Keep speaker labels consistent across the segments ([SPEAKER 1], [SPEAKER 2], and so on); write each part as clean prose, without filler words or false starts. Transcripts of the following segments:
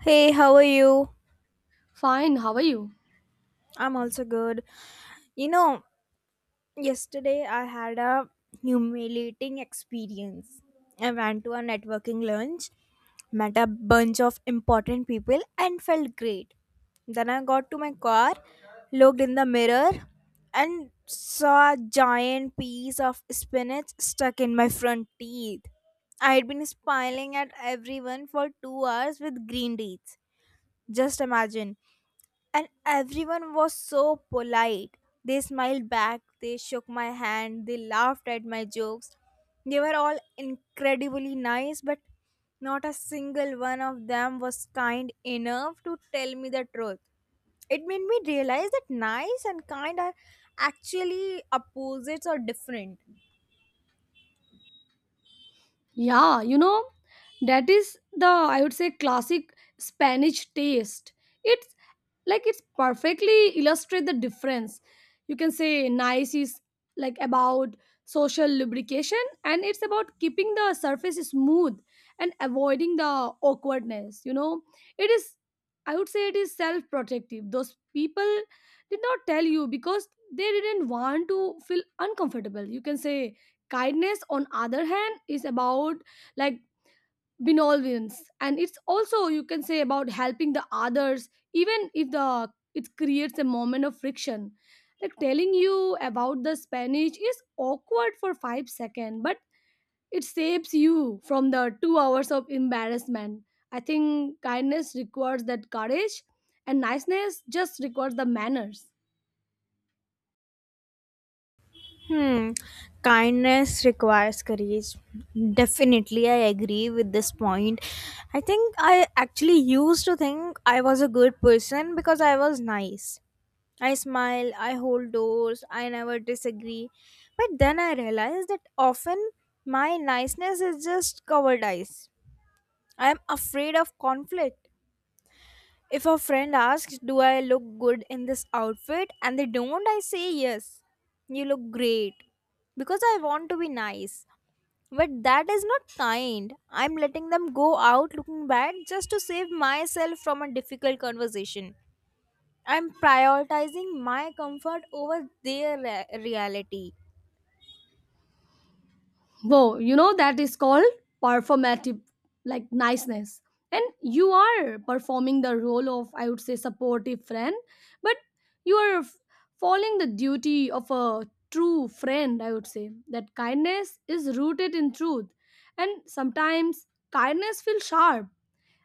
[SPEAKER 1] Hey, how are you?
[SPEAKER 2] Fine, how are you?
[SPEAKER 1] I'm also good. You know, Yesterday I had a humiliating experience. I went to a networking lunch, met a bunch of important people, and felt great. Then I got to my car, looked in the mirror, and saw a giant piece of spinach stuck in my front teeth. I had been smiling at everyone for 2 hours with green teeth. Just imagine and everyone was so polite. They smiled back, they shook my hand, they laughed at my jokes. They were all incredibly nice, but not a single one of them was kind enough to tell me the truth. It made me realize that nice and kind are actually opposites or different.
[SPEAKER 2] Yeah, you know, that is the, I would say, classic Spanish taste. It's like it's perfectly illustrate the difference. You can say nice is like about social lubrication, and it's about keeping the surface smooth and avoiding the awkwardness. You know, it is, I would say, it is self protective. Those people did not tell you because they didn't want to feel uncomfortable. You can say kindness on other hand is about like benevolence, and it's also you can say about helping the others even if the it creates a moment of friction, like telling you about the spanish is awkward for 5 seconds, but it saves you from the 2 hours of embarrassment. I think kindness requires that courage, and niceness just requires the manners.
[SPEAKER 1] Hmm. Kindness requires courage. Definitely, I agree with this point. I think I actually used to think I was a good person because I was nice. I smile, I hold doors, I never disagree. But then I realized that often my niceness is just covered eyes. I am afraid of conflict. If a friend asks, "Do I look good in this outfit?" and they don't, I say yes. You look great. Because I want to be nice. But that is not kind. I'm letting them go out looking bad just to save myself from a difficult conversation. I'm prioritizing my comfort over their reality.
[SPEAKER 2] Whoa, you know that is called performative, like niceness. And you are performing the role of, I would say, supportive friend, but you are falling the duty of a true friend, I would say. That kindness is rooted in truth. And sometimes kindness feels sharp.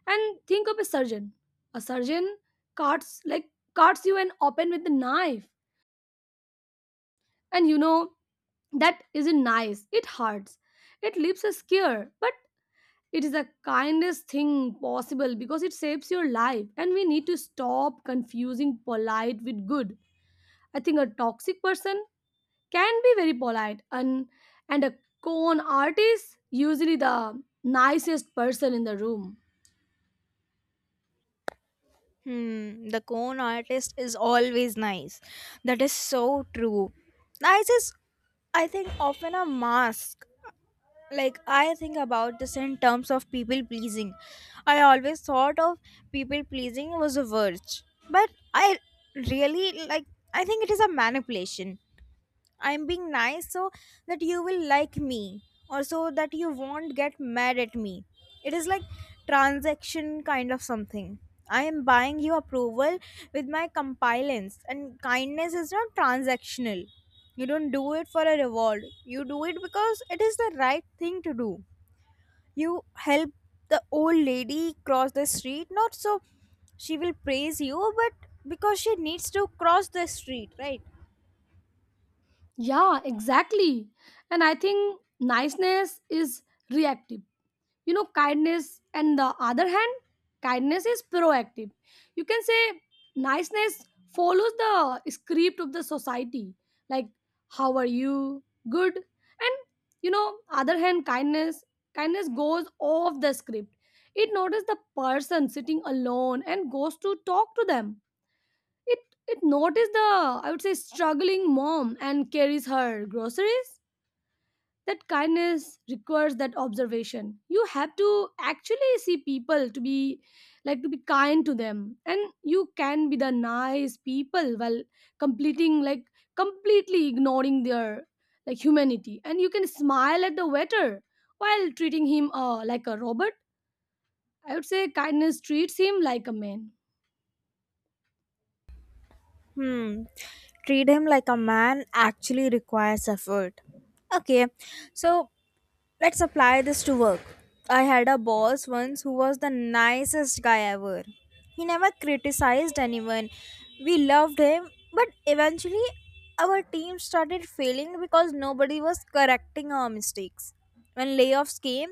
[SPEAKER 2] And think of a surgeon. A surgeon cuts, like cuts you and open with the knife. And you know that isn't nice. It hurts. It leaves a scar. But it is the kindest thing possible because it saves your life, and we need to stop confusing polite with good. I think a toxic person can be very polite, and a con artist usually the nicest person in the room.
[SPEAKER 1] The cone artist is always nice. That is so true. Nice is, I think, often a mask. Like, I think about this in terms of people pleasing. I always thought of people pleasing was a virtue. But I really, like, I think it is a manipulation. I'm being nice so that you will like me or so that you won't get mad at me. It is like transaction kind of something. I am buying you approval with my compliance and kindness is not transactional. You don't do it for a reward. You do it because it is the right thing to do. You help the old lady cross the street not so she will praise you but because she needs to cross the street, right?
[SPEAKER 2] Yeah, exactly. And I think niceness is reactive. You know, kindness and the other hand, kindness is proactive. You can say niceness follows the script of the society, like how are you, good, and you know, other hand kindness, kindness goes off the script. It notices the person sitting alone and goes to talk to them. It it notices the, I would say, struggling mom and carries her groceries. That kindness requires that observation. You have to actually see people to be, like to be kind to them. And you can be the nice people while completing, like completely ignoring their like humanity. And you can smile at the waiter while treating him like a robot. I would say kindness treats him like a man.
[SPEAKER 1] Hmm. Treat him like a man actually requires effort. Okay, so let's apply this to work. I had a boss once who was the nicest guy ever. He never criticized anyone. We loved him, but eventually our team started failing because nobody was correcting our mistakes. When layoffs came,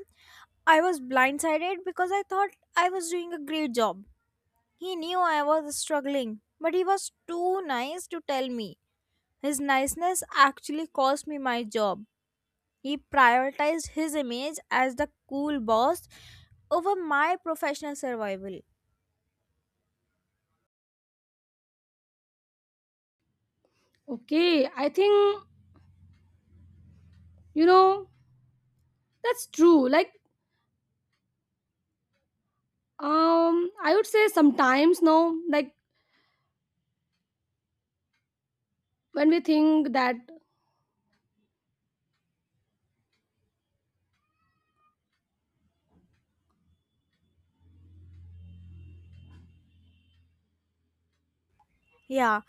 [SPEAKER 1] I was blindsided because I thought I was doing a great job. He knew I was struggling, but he was too nice to tell me. His niceness actually cost me my job. He prioritized his image as the cool boss over my professional survival.
[SPEAKER 2] Okay, I think, you know, that's true, like, um I would say sometimes no, like when we think that,
[SPEAKER 1] Yeah,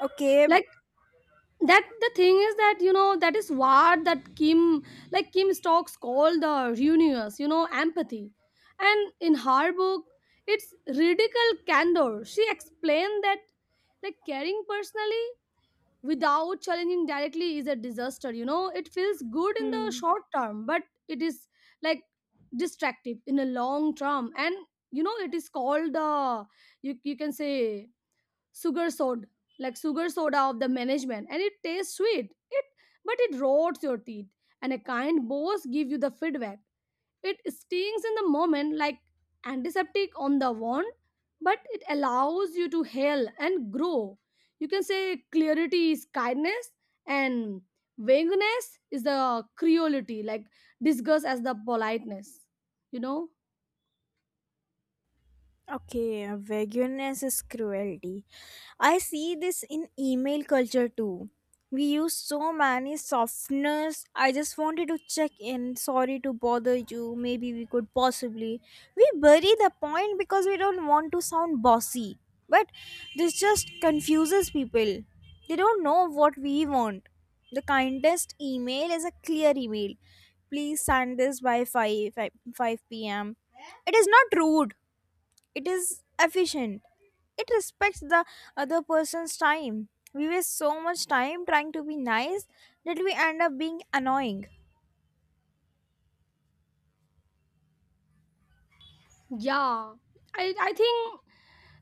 [SPEAKER 1] okay.
[SPEAKER 2] like that the thing is that you know that is what that kim, like kim stokes called the reunious, you know, empathy. And in her book, it's radical candor, she explained that like caring personally without challenging directly is a disaster. You know, it feels good in the
[SPEAKER 1] Hmm.
[SPEAKER 2] short term, but it is like destructive in the long term. And you know it is called the, you can say sugar soda, like sugar soda of the management, and it tastes sweet it, but it rots your teeth. And a kind boss give you the feedback. It stings in the moment, like antiseptic on the wound, but it allows you to heal and grow. You can say clarity is kindness, and vagueness is the cruelty, like disgust as the politeness, you know.
[SPEAKER 1] Okay, vagueness is cruelty. I see this in email culture too. We use so many softeners. I just wanted to check in. Sorry to bother you. Maybe we could possibly. We bury the point because we don't want to sound bossy. But this just confuses people. They don't know what we want. The kindest email is a clear email. Please send this by 5 p.m. It is not rude, it is efficient. It respects the other person's time. We waste so much time trying to be nice that we end up being annoying.
[SPEAKER 2] Yeah, I think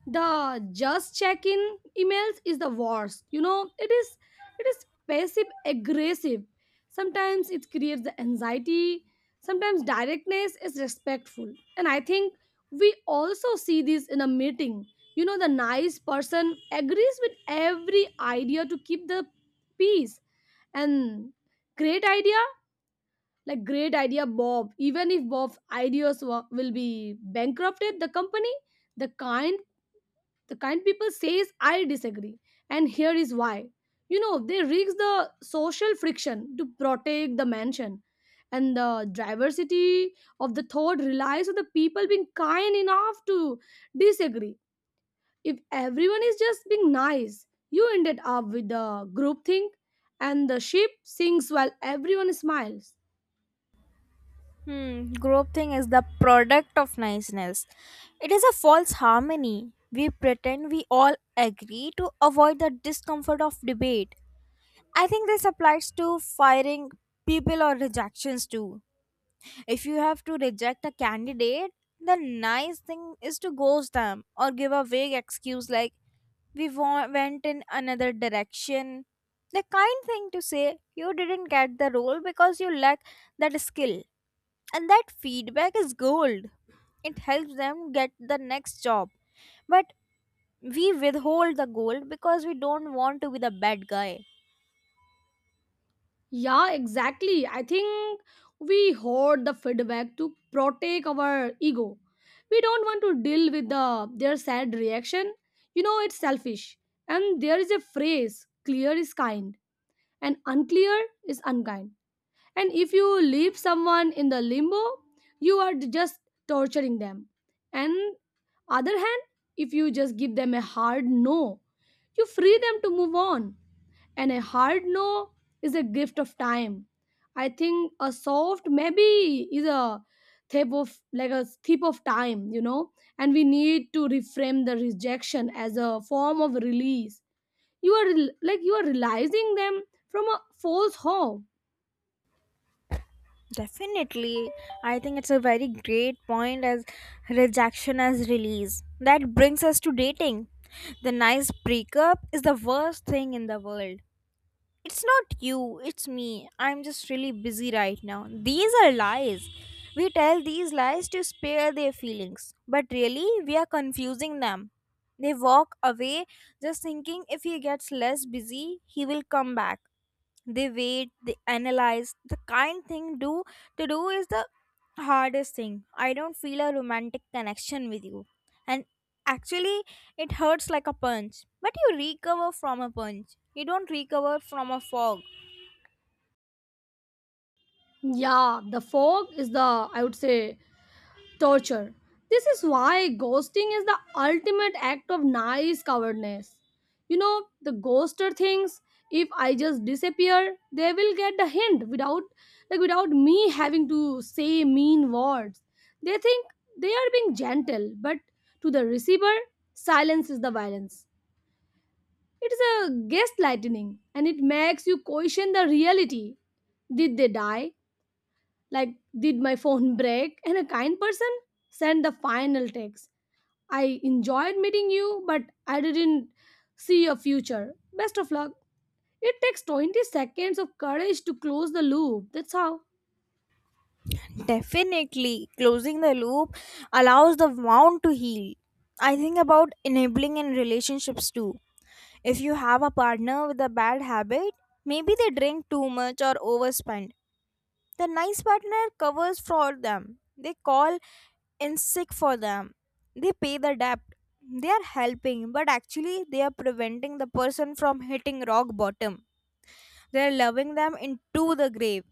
[SPEAKER 2] the just check in emails is the worst. You know, it is passive aggressive. Sometimes it creates the anxiety. Sometimes directness is respectful. And I think we also see this in a meeting. You know, the nice person agrees with every idea to keep the peace. And great idea, like great idea bob, even if bob's will be bankrupted the company. The kind, the kind people says, I disagree, and here is why. You know, they risk the social friction to protect the mansion. And the diversity of the thought relies on the people being kind enough to disagree. If everyone is just being nice, you ended up with the group think, and the ship sinks while everyone smiles.
[SPEAKER 1] Group thing is the product of niceness. It is a false harmony. We pretend we all agree to avoid the discomfort of debate. I think this applies to firing people or rejections too. If you have to reject a candidate, the nice thing is to ghost them or give a vague excuse like, went in another direction. The kind thing to say, you didn't get the role because you lack that skill. And that feedback is gold. It helps them get the next job. But we withhold the gold because we don't want to be the bad guy.
[SPEAKER 2] Yeah, exactly. I think we hoard the feedback to protect our ego. We don't want to deal with the their sad reaction. You know, it's selfish. And there is a phrase, clear is kind and unclear is unkind. And if you leave someone in the limbo, you are just torturing them. And other hand, if you just give them a hard no, you free them to move on. And a hard no is a gift of time. I think a soft maybe is a thief of, like a thief of time, you know. And we need to reframe the rejection as a form of release. You are like you are realizing them from a false hope.
[SPEAKER 1] Definitely. I think it's a very great point as rejection as release. That brings us to dating. The nice breakup is the worst thing in the world. It's not you, it's me. I'm just really busy right now. These are lies. We tell these lies to spare their feelings, but really, we are confusing them. They walk away just thinking if he gets less busy, he will come back. They wait, they analyze. The kind thing do to do is the hardest thing. I don't feel a romantic connection with you and actually it hurts like a punch, but you recover from a punch, you don't recover from a fog.
[SPEAKER 2] Yeah, the fog is the, I would say, torture. This is why ghosting is the ultimate act of nice cowardness. You know, the ghoster thinks if I just disappear, they will get the hint without, like without me having to say mean words. They think they are being gentle, but to the receiver, silence is the violence. It is a gaslighting, and it makes you question the reality. Did they die? Like did my phone break. And a kind person sent the final text, I enjoyed meeting you but I didn't see your future, best of luck. It takes 20 seconds of courage to close the loop. That's how.
[SPEAKER 1] Definitely, closing the loop allows the wound to heal. I think about enabling in relationships too. If you have a partner with a bad habit, maybe they drink too much or overspend. The nice partner covers for them. They call in sick for them. They pay the debt. They are helping, but actually, they are preventing the person from hitting rock bottom. They are loving them into the grave.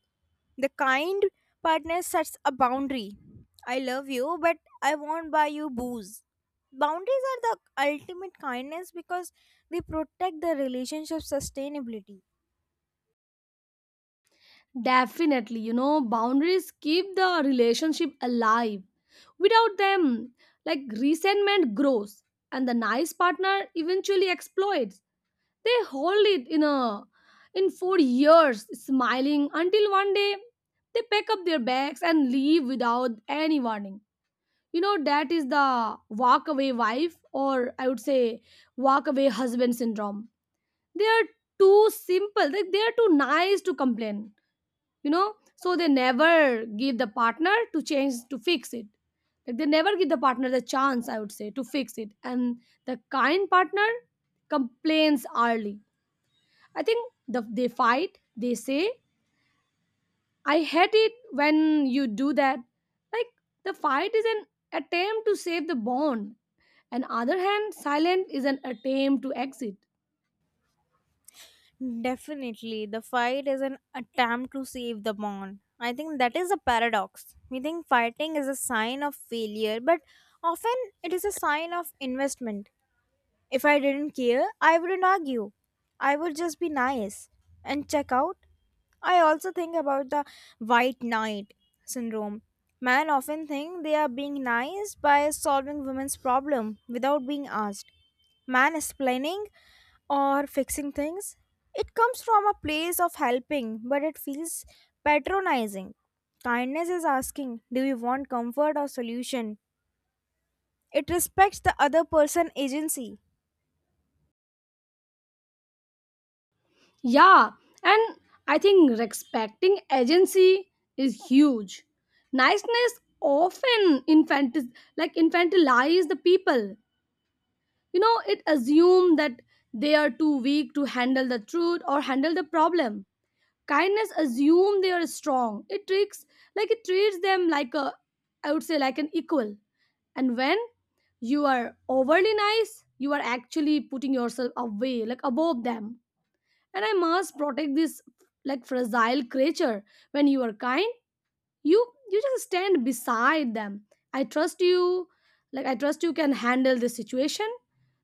[SPEAKER 1] The kind partner sets a boundary. I love you, but I won't buy you booze. Boundaries are the ultimate kindness because they protect the relationship sustainability.
[SPEAKER 2] Definitely, you know boundaries keep the relationship alive. Without them, like resentment grows, and the nice partner eventually exploits. They hold it in a, in for years, smiling until one day they pack up their bags and leave without any warning. You know that is the walk away wife, or I would say walk away husband syndrome. They are too simple, like they are too nice to complain, you know, so they never give the partner to change to fix it. Like they never give the partner the chance, I would say, to fix it. And the kind partner complains early. I think the, they fight, they say, I hate it when you do that. Like, the fight is an attempt to save the bond. And other hand, silent is an attempt to exit.
[SPEAKER 1] Definitely, the fight is an attempt to save the bond. I think that is a paradox. We think fighting is a sign of failure, but often it is a sign of investment. If I didn't care, I wouldn't argue. I would just be nice and check out. I also think about the white knight syndrome. Men often think they are being nice by solving women's problem without being asked. Man explaining or fixing things. It comes from a place of helping, but it feels patronizing. Kindness is asking, do you want comfort or solution? It respects the other person agency.
[SPEAKER 2] Yeah, and I think respecting agency is huge. Niceness often like infantilize the people. You know, it assumes that they are too weak to handle the truth or handle the problem. Kindness assume they are strong. It treats, like it treats them like a, I would say like an equal. And when you are overly nice, you are actually putting yourself away, like above them. And I must protect this, like fragile creature. When you are kind, you just stand beside them. I trust you, like I trust you can handle this situation,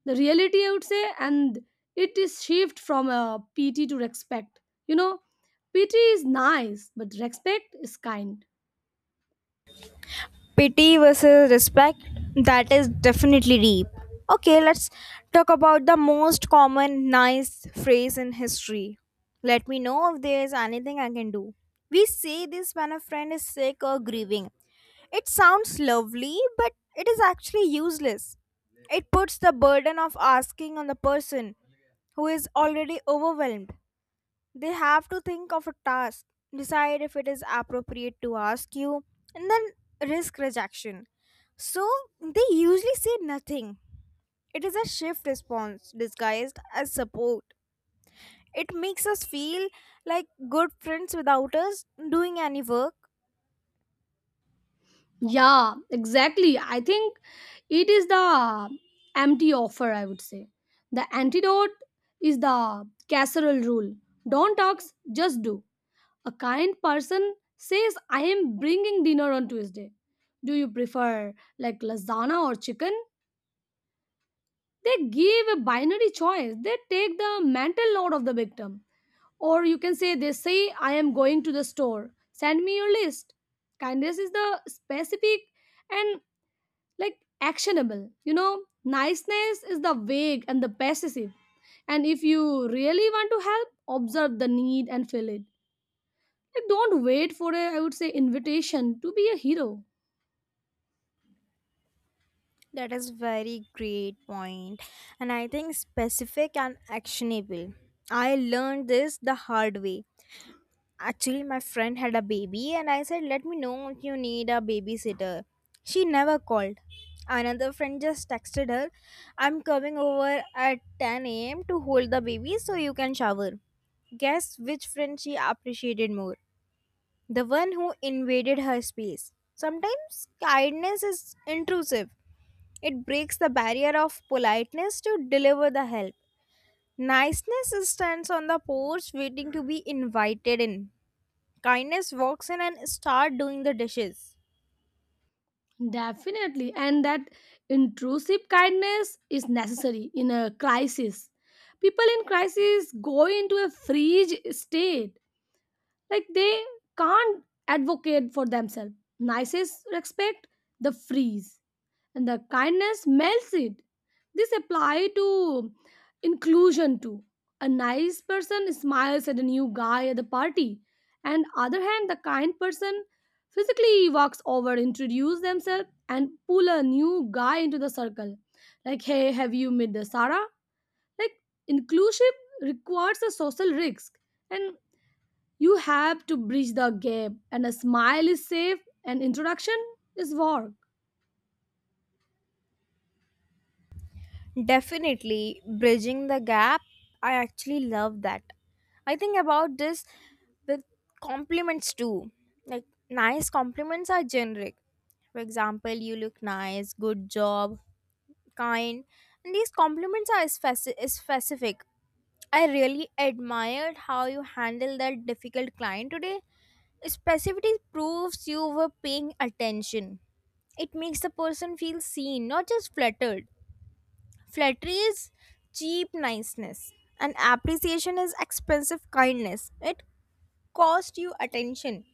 [SPEAKER 2] the reality, I would say. And it is shift from a pity to respect, you know. Pity is nice, but respect is kind.
[SPEAKER 1] Pity versus respect, that is definitely deep. Okay, let's talk about the most common nice phrase in history. Let me know if there is anything I can do. We say this when a friend is sick or grieving. It sounds lovely but it is actually useless. It puts the burden of asking on the person who is already overwhelmed. They have to think of a task, decide if it is appropriate to ask you, and then risk rejection. So they usually say nothing. It is a shift response disguised as support. It makes us feel like good friends without us doing any work.
[SPEAKER 2] Yeah, exactly. I think it is the empty offer, I would say. The antidote is the casserole rule. Don't talk, just do. A kind person says, I am bringing dinner on Tuesday. Do you prefer like lasagna or chicken? They give a binary choice. They take the mental load of the victim. Or you can say, they say, I am going to the store. Send me your list. Kindness is the specific and like actionable. You know, niceness is the vague and the passive. And if you really want to help, observe the need and fill it. Like, don't wait for a, I would say, invitation to be a hero.
[SPEAKER 1] That is very great point, and I think specific and actionable. I learned this the hard way. Actually, my friend had a baby, and I said, "Let me know if you need a babysitter." She never called. Another friend just texted her, "I'm coming over at 10 a.m. to hold the baby so you can shower." Guess which friend she appreciated more? The one who invaded her space. Sometimes kindness is intrusive. It breaks the barrier of politeness to deliver the help. Niceness stands on the porch waiting to be invited in. Kindness walks in and start doing the dishes.
[SPEAKER 2] Definitely. And that intrusive kindness is necessary in a crisis. People in crisis go into a freeze state. Like, they can't advocate for themselves. Nicest respect the freeze, and the kindness melts it. This apply to inclusion too. A nice person smiles at a new guy at the party, and other hand, the kind person physically walks over, introduce themselves, and pull a new guy into the circle. Like, hey, have you met the Sarah? Like, inclusive requires a social risk, and you have to bridge the gap. And a smile is safe, and introduction is work.
[SPEAKER 1] Definitely, bridging the gap. I actually love that. I think about this with compliments too. Like nice compliments are generic. For example, you look nice, good job, kind, and these compliments are specific. I really admired how you handled that difficult client today. Specificity proves you were paying attention. It makes the person feel seen, not just flattered. Flattery is cheap niceness, and appreciation is expensive kindness. It cost you attention.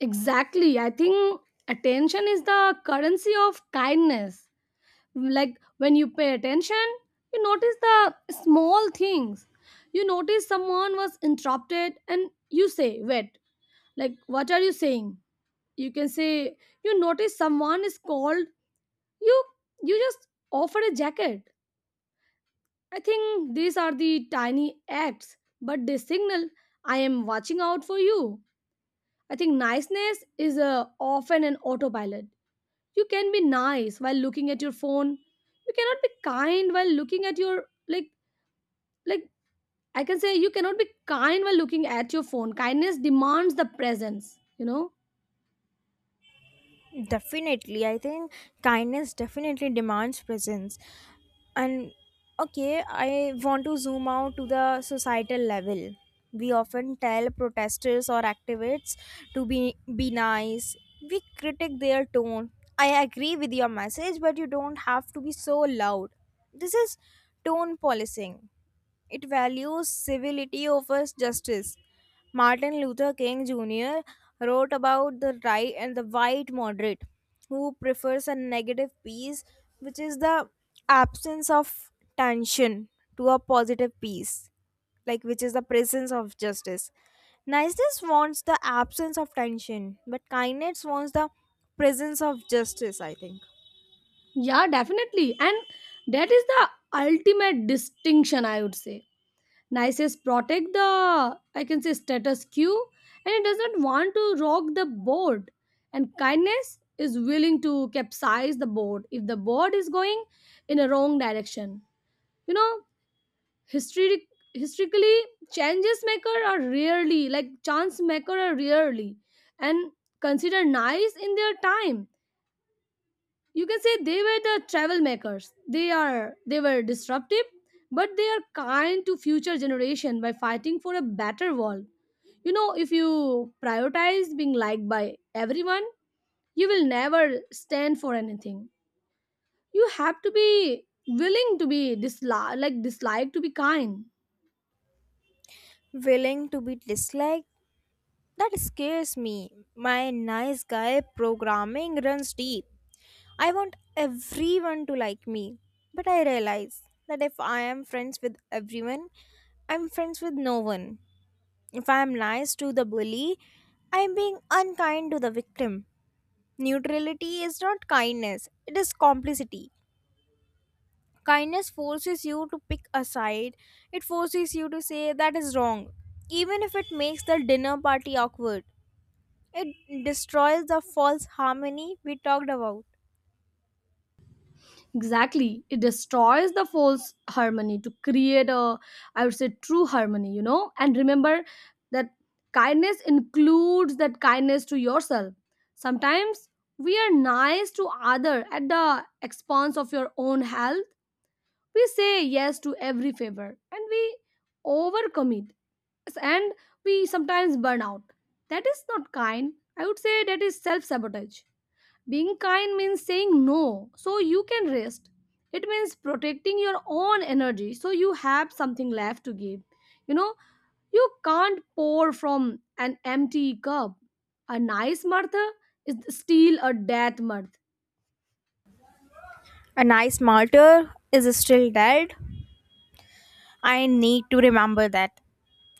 [SPEAKER 2] Exactly. I think attention is the currency of kindness. Like when you pay attention, you notice the small things. You notice someone was interrupted and you say, wait, like what are you saying? You can say you notice someone is called, you you just offer a jacket. I think these are the tiny acts, but they signal I am watching out for you. I think niceness is often an autopilot. You can be nice while looking at your phone. You cannot be kind while looking at your like, I can say you cannot be kind while looking at your phone. Kindness demands the presence, you know?
[SPEAKER 1] Definitely, I think kindness definitely demands presence. And okay, I want to zoom out to the societal level. We often tell protesters or activists to be nice. We critique their tone. I agree with your message, but you don't have to be so loud. This is tone policing. It values civility over justice. Martin Luther King Jr. wrote about the right and the white moderate who prefers a negative peace, which is the absence of tension, to a positive peace, like which is the presence of justice. Niceness wants the absence of tension, but kindness wants the presence of justice, I think.
[SPEAKER 2] Yeah, definitely. And that is the ultimate distinction, I would say. Nices protect the, I can say, status quo, and it doesn't want to rock the boat. And kindness is willing to capsize the boat if the boat is going in a wrong direction. You know, Historic, historically, changes maker are rarely like chance maker are rarely and considered nice in their time. You can say they were the travel makers. They were disruptive, but they are kind to future generation by fighting for a better world. If you prioritize being liked by everyone, you will never stand for anything. You have to be willing to be disliked to be kind.
[SPEAKER 1] Willing to be disliked. That scares me. My nice guy programming runs deep. I want everyone to like me. But I realize that if I am friends with everyone, I'm friends with no one. If I am nice to the bully, I'm being unkind to the victim. Neutrality is not kindness, it is complicity. Kindness forces you to pick a side, it forces you to say that is wrong, even if it makes the dinner party awkward. It destroys the false harmony we talked about.
[SPEAKER 2] Exactly. It destroys the false harmony to create a, I would say, true harmony, you know? And remember that kindness includes that kindness to yourself. Sometimes we are nice to other at the expense of your own health. We say yes to every favor and we overcommit and we sometimes burn out. That is not kind. I would say that is self sabotage. Being kind means saying no so you can rest. It means protecting your own energy so you have something left to give. You know, you can't pour from an empty cup. A nice Martha is still a death mirth.
[SPEAKER 1] A nice martyr is still dead. I need to remember that.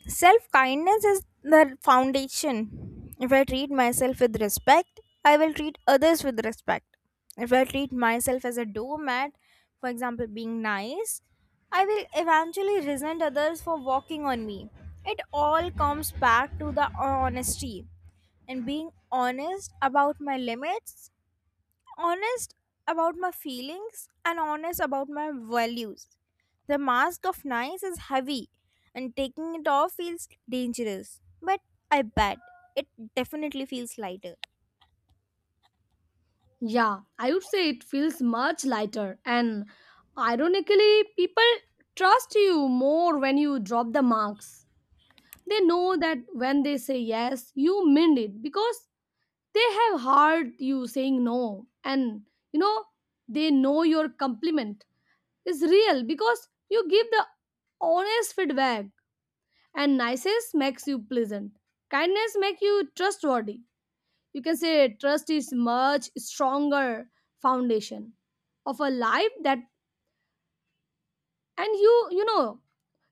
[SPEAKER 1] Self kindness is the foundation. If I treat myself with respect, I will treat others with respect. If I treat myself as a doormat, for example, being nice, I will eventually resent others for walking on me. It all comes back to the honesty and being honest about my limits, honest about my feelings, and honest about my values. The mask of nice is heavy and taking it off feels dangerous, but I bet it definitely feels lighter.
[SPEAKER 2] Yeah, I would say it feels much lighter. And ironically, people trust you more when you drop the marks. They know that when they say yes, you meant it because they have heard you saying no, and you know they know your compliment is real because you give the honest feedback. And niceness makes you pleasant, kindness make you trustworthy. You can say trust is much stronger foundation of a life that and you know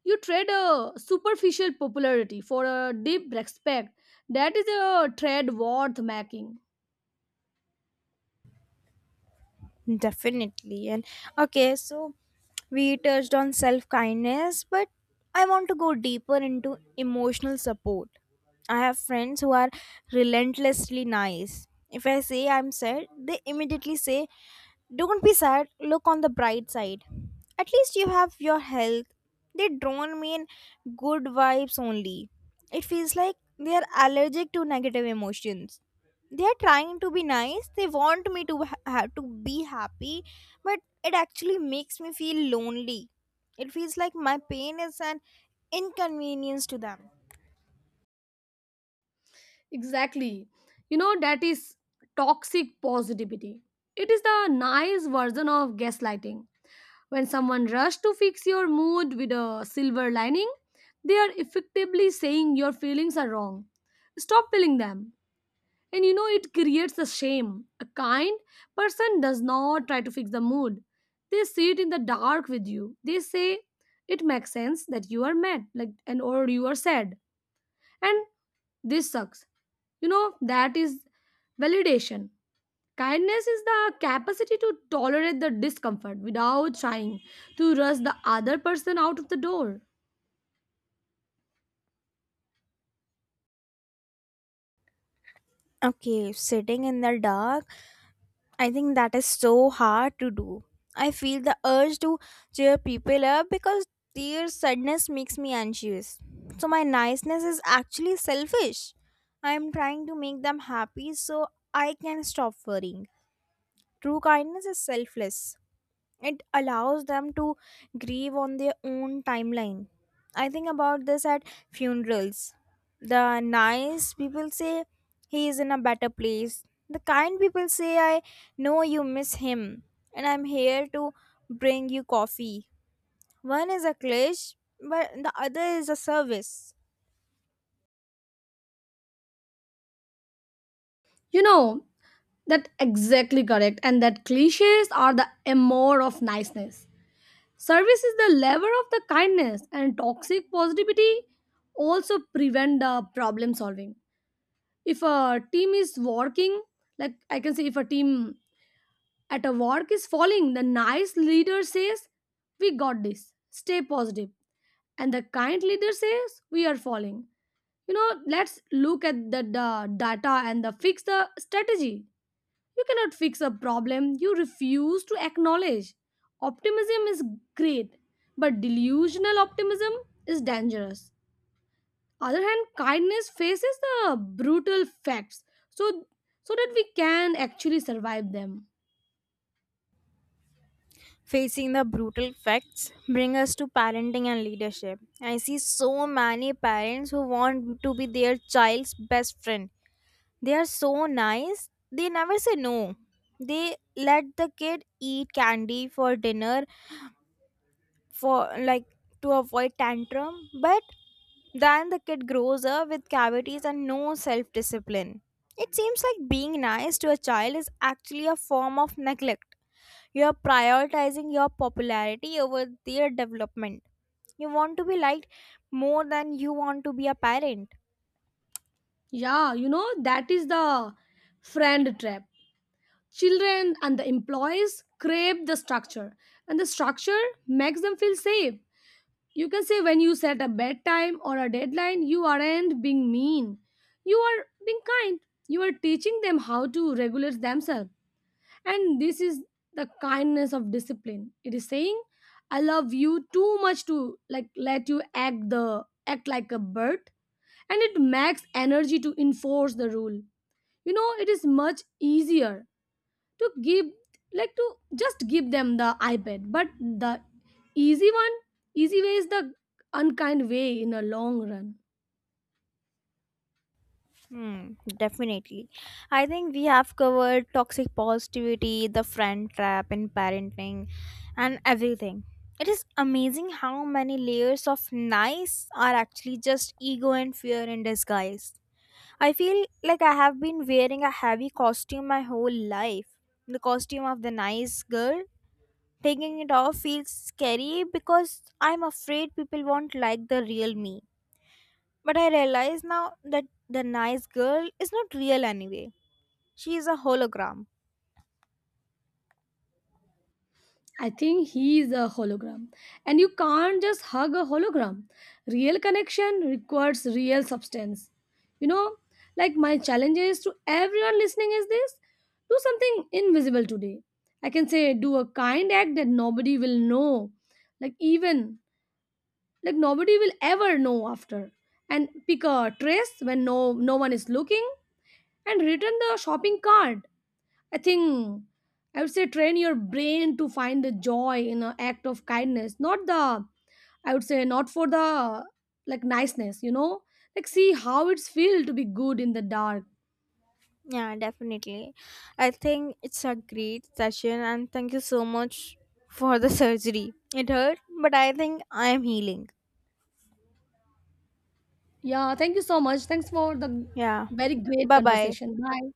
[SPEAKER 2] You trade a superficial popularity for a deep respect. That is a trade worth making.
[SPEAKER 1] Definitely. And okay, so we touched on self kindness, but I want to go deeper into emotional support. I have friends who are relentlessly nice. If I say I'm sad, they immediately say, "Don't be sad, look on the bright side. At least you have your health." They don't mean good vibes only. It feels like they are allergic to negative emotions. They are trying to be nice, they want me to to be happy, but it actually makes me feel lonely. It feels like my pain is an inconvenience to them.
[SPEAKER 2] Exactly. You know, that is toxic positivity. It is the nice version of gaslighting. When someone rushes to fix your mood with a silver lining, they are effectively saying your feelings are wrong. Stop feeling them. And you know, it creates a shame. A kind person does not try to fix the mood, they sit in the dark with you. They say, it makes sense that you are mad like and or you are sad and this sucks. You know, that is validation. Kindness is the capacity to tolerate the discomfort without trying to rush the other person out of the door.
[SPEAKER 1] Okay, sitting in the dark, I think that is so hard to do. I feel the urge to cheer people up because their sadness makes me anxious, so my niceness is actually selfish. I am trying to make them happy so I can stop worrying. True kindness is selfless. It allows them to grieve on their own timeline. I think about this at funerals. The nice people say he is in a better place. The kind people say, I know you miss him and I'm here to bring you coffee. One is a clash, but the other is a service.
[SPEAKER 2] you know that exactly correct, and that cliches are the amour of niceness. Service is the lever of the kindness. And toxic positivity also prevent the problem solving. If a team is working, like I can say if a team at a work is falling, the nice leader says, We got this, stay positive. And the kind leader says, We are falling. You know, let's look at the data and the fix the strategy. You cannot fix a problem you refuse to acknowledge. Optimism is great, but delusional optimism is dangerous. Other hand, kindness faces the brutal facts so so that we can actually survive them.
[SPEAKER 1] Facing the brutal facts bring us to parenting and leadership. I see so many parents who want to be their child's best friend. They are so nice. They never say no. They let the kid eat candy for dinner for like to avoid tantrum, but then the kid grows up with cavities and no self-discipline. It seems like being nice to a child is actually a form of neglect. You are prioritizing your popularity over their development. You want to be liked more than you want to be a parent.
[SPEAKER 2] Yeah, you know, that is the friend trap. Children and the employees crave the structure, and the structure makes them feel safe. You can say when you set a bedtime or a deadline, you aren't being mean. You are being kind. You are teaching them how to regulate themselves. And this is the kindness of discipline. It is saying, I love you too much to let you act like a bird. And it makes energy to enforce the rule. You know, it is much easier to give like to just give them the ipad, but the easy one easy way is the unkind way in a long run.
[SPEAKER 1] Hmm, definitely. I think we have covered toxic positivity, the friend trap in parenting, and everything. It is amazing how many layers of nice are actually just ego and fear in disguise. I feel like I have been wearing a heavy costume my whole life. The costume of the nice girl. Taking it off feels scary because I'm afraid people won't like the real me. But I realize now that the nice girl is not real anyway. She is a hologram.
[SPEAKER 2] I think he is a hologram, and you can't just hug a hologram. Real connection requires real substance. you know my challenge is to everyone listening is this: do something invisible today. I can say do a kind act that nobody will know, like even like nobody will ever know after. And pick a trace when no one is looking and return the shopping cart. i think I would say train your brain to find the joy in an act of kindness, not the, I would say, not for the niceness. See how it's feel to be good in the dark.
[SPEAKER 1] Yeah, definitely. I think it's a great session and thank you so much for the surgery. It hurt, but I think I am healing.
[SPEAKER 2] Yeah, thank you so much. Thanks for the
[SPEAKER 1] Yeah.
[SPEAKER 2] Very great
[SPEAKER 1] Bye bye.
[SPEAKER 2] conversation, bye.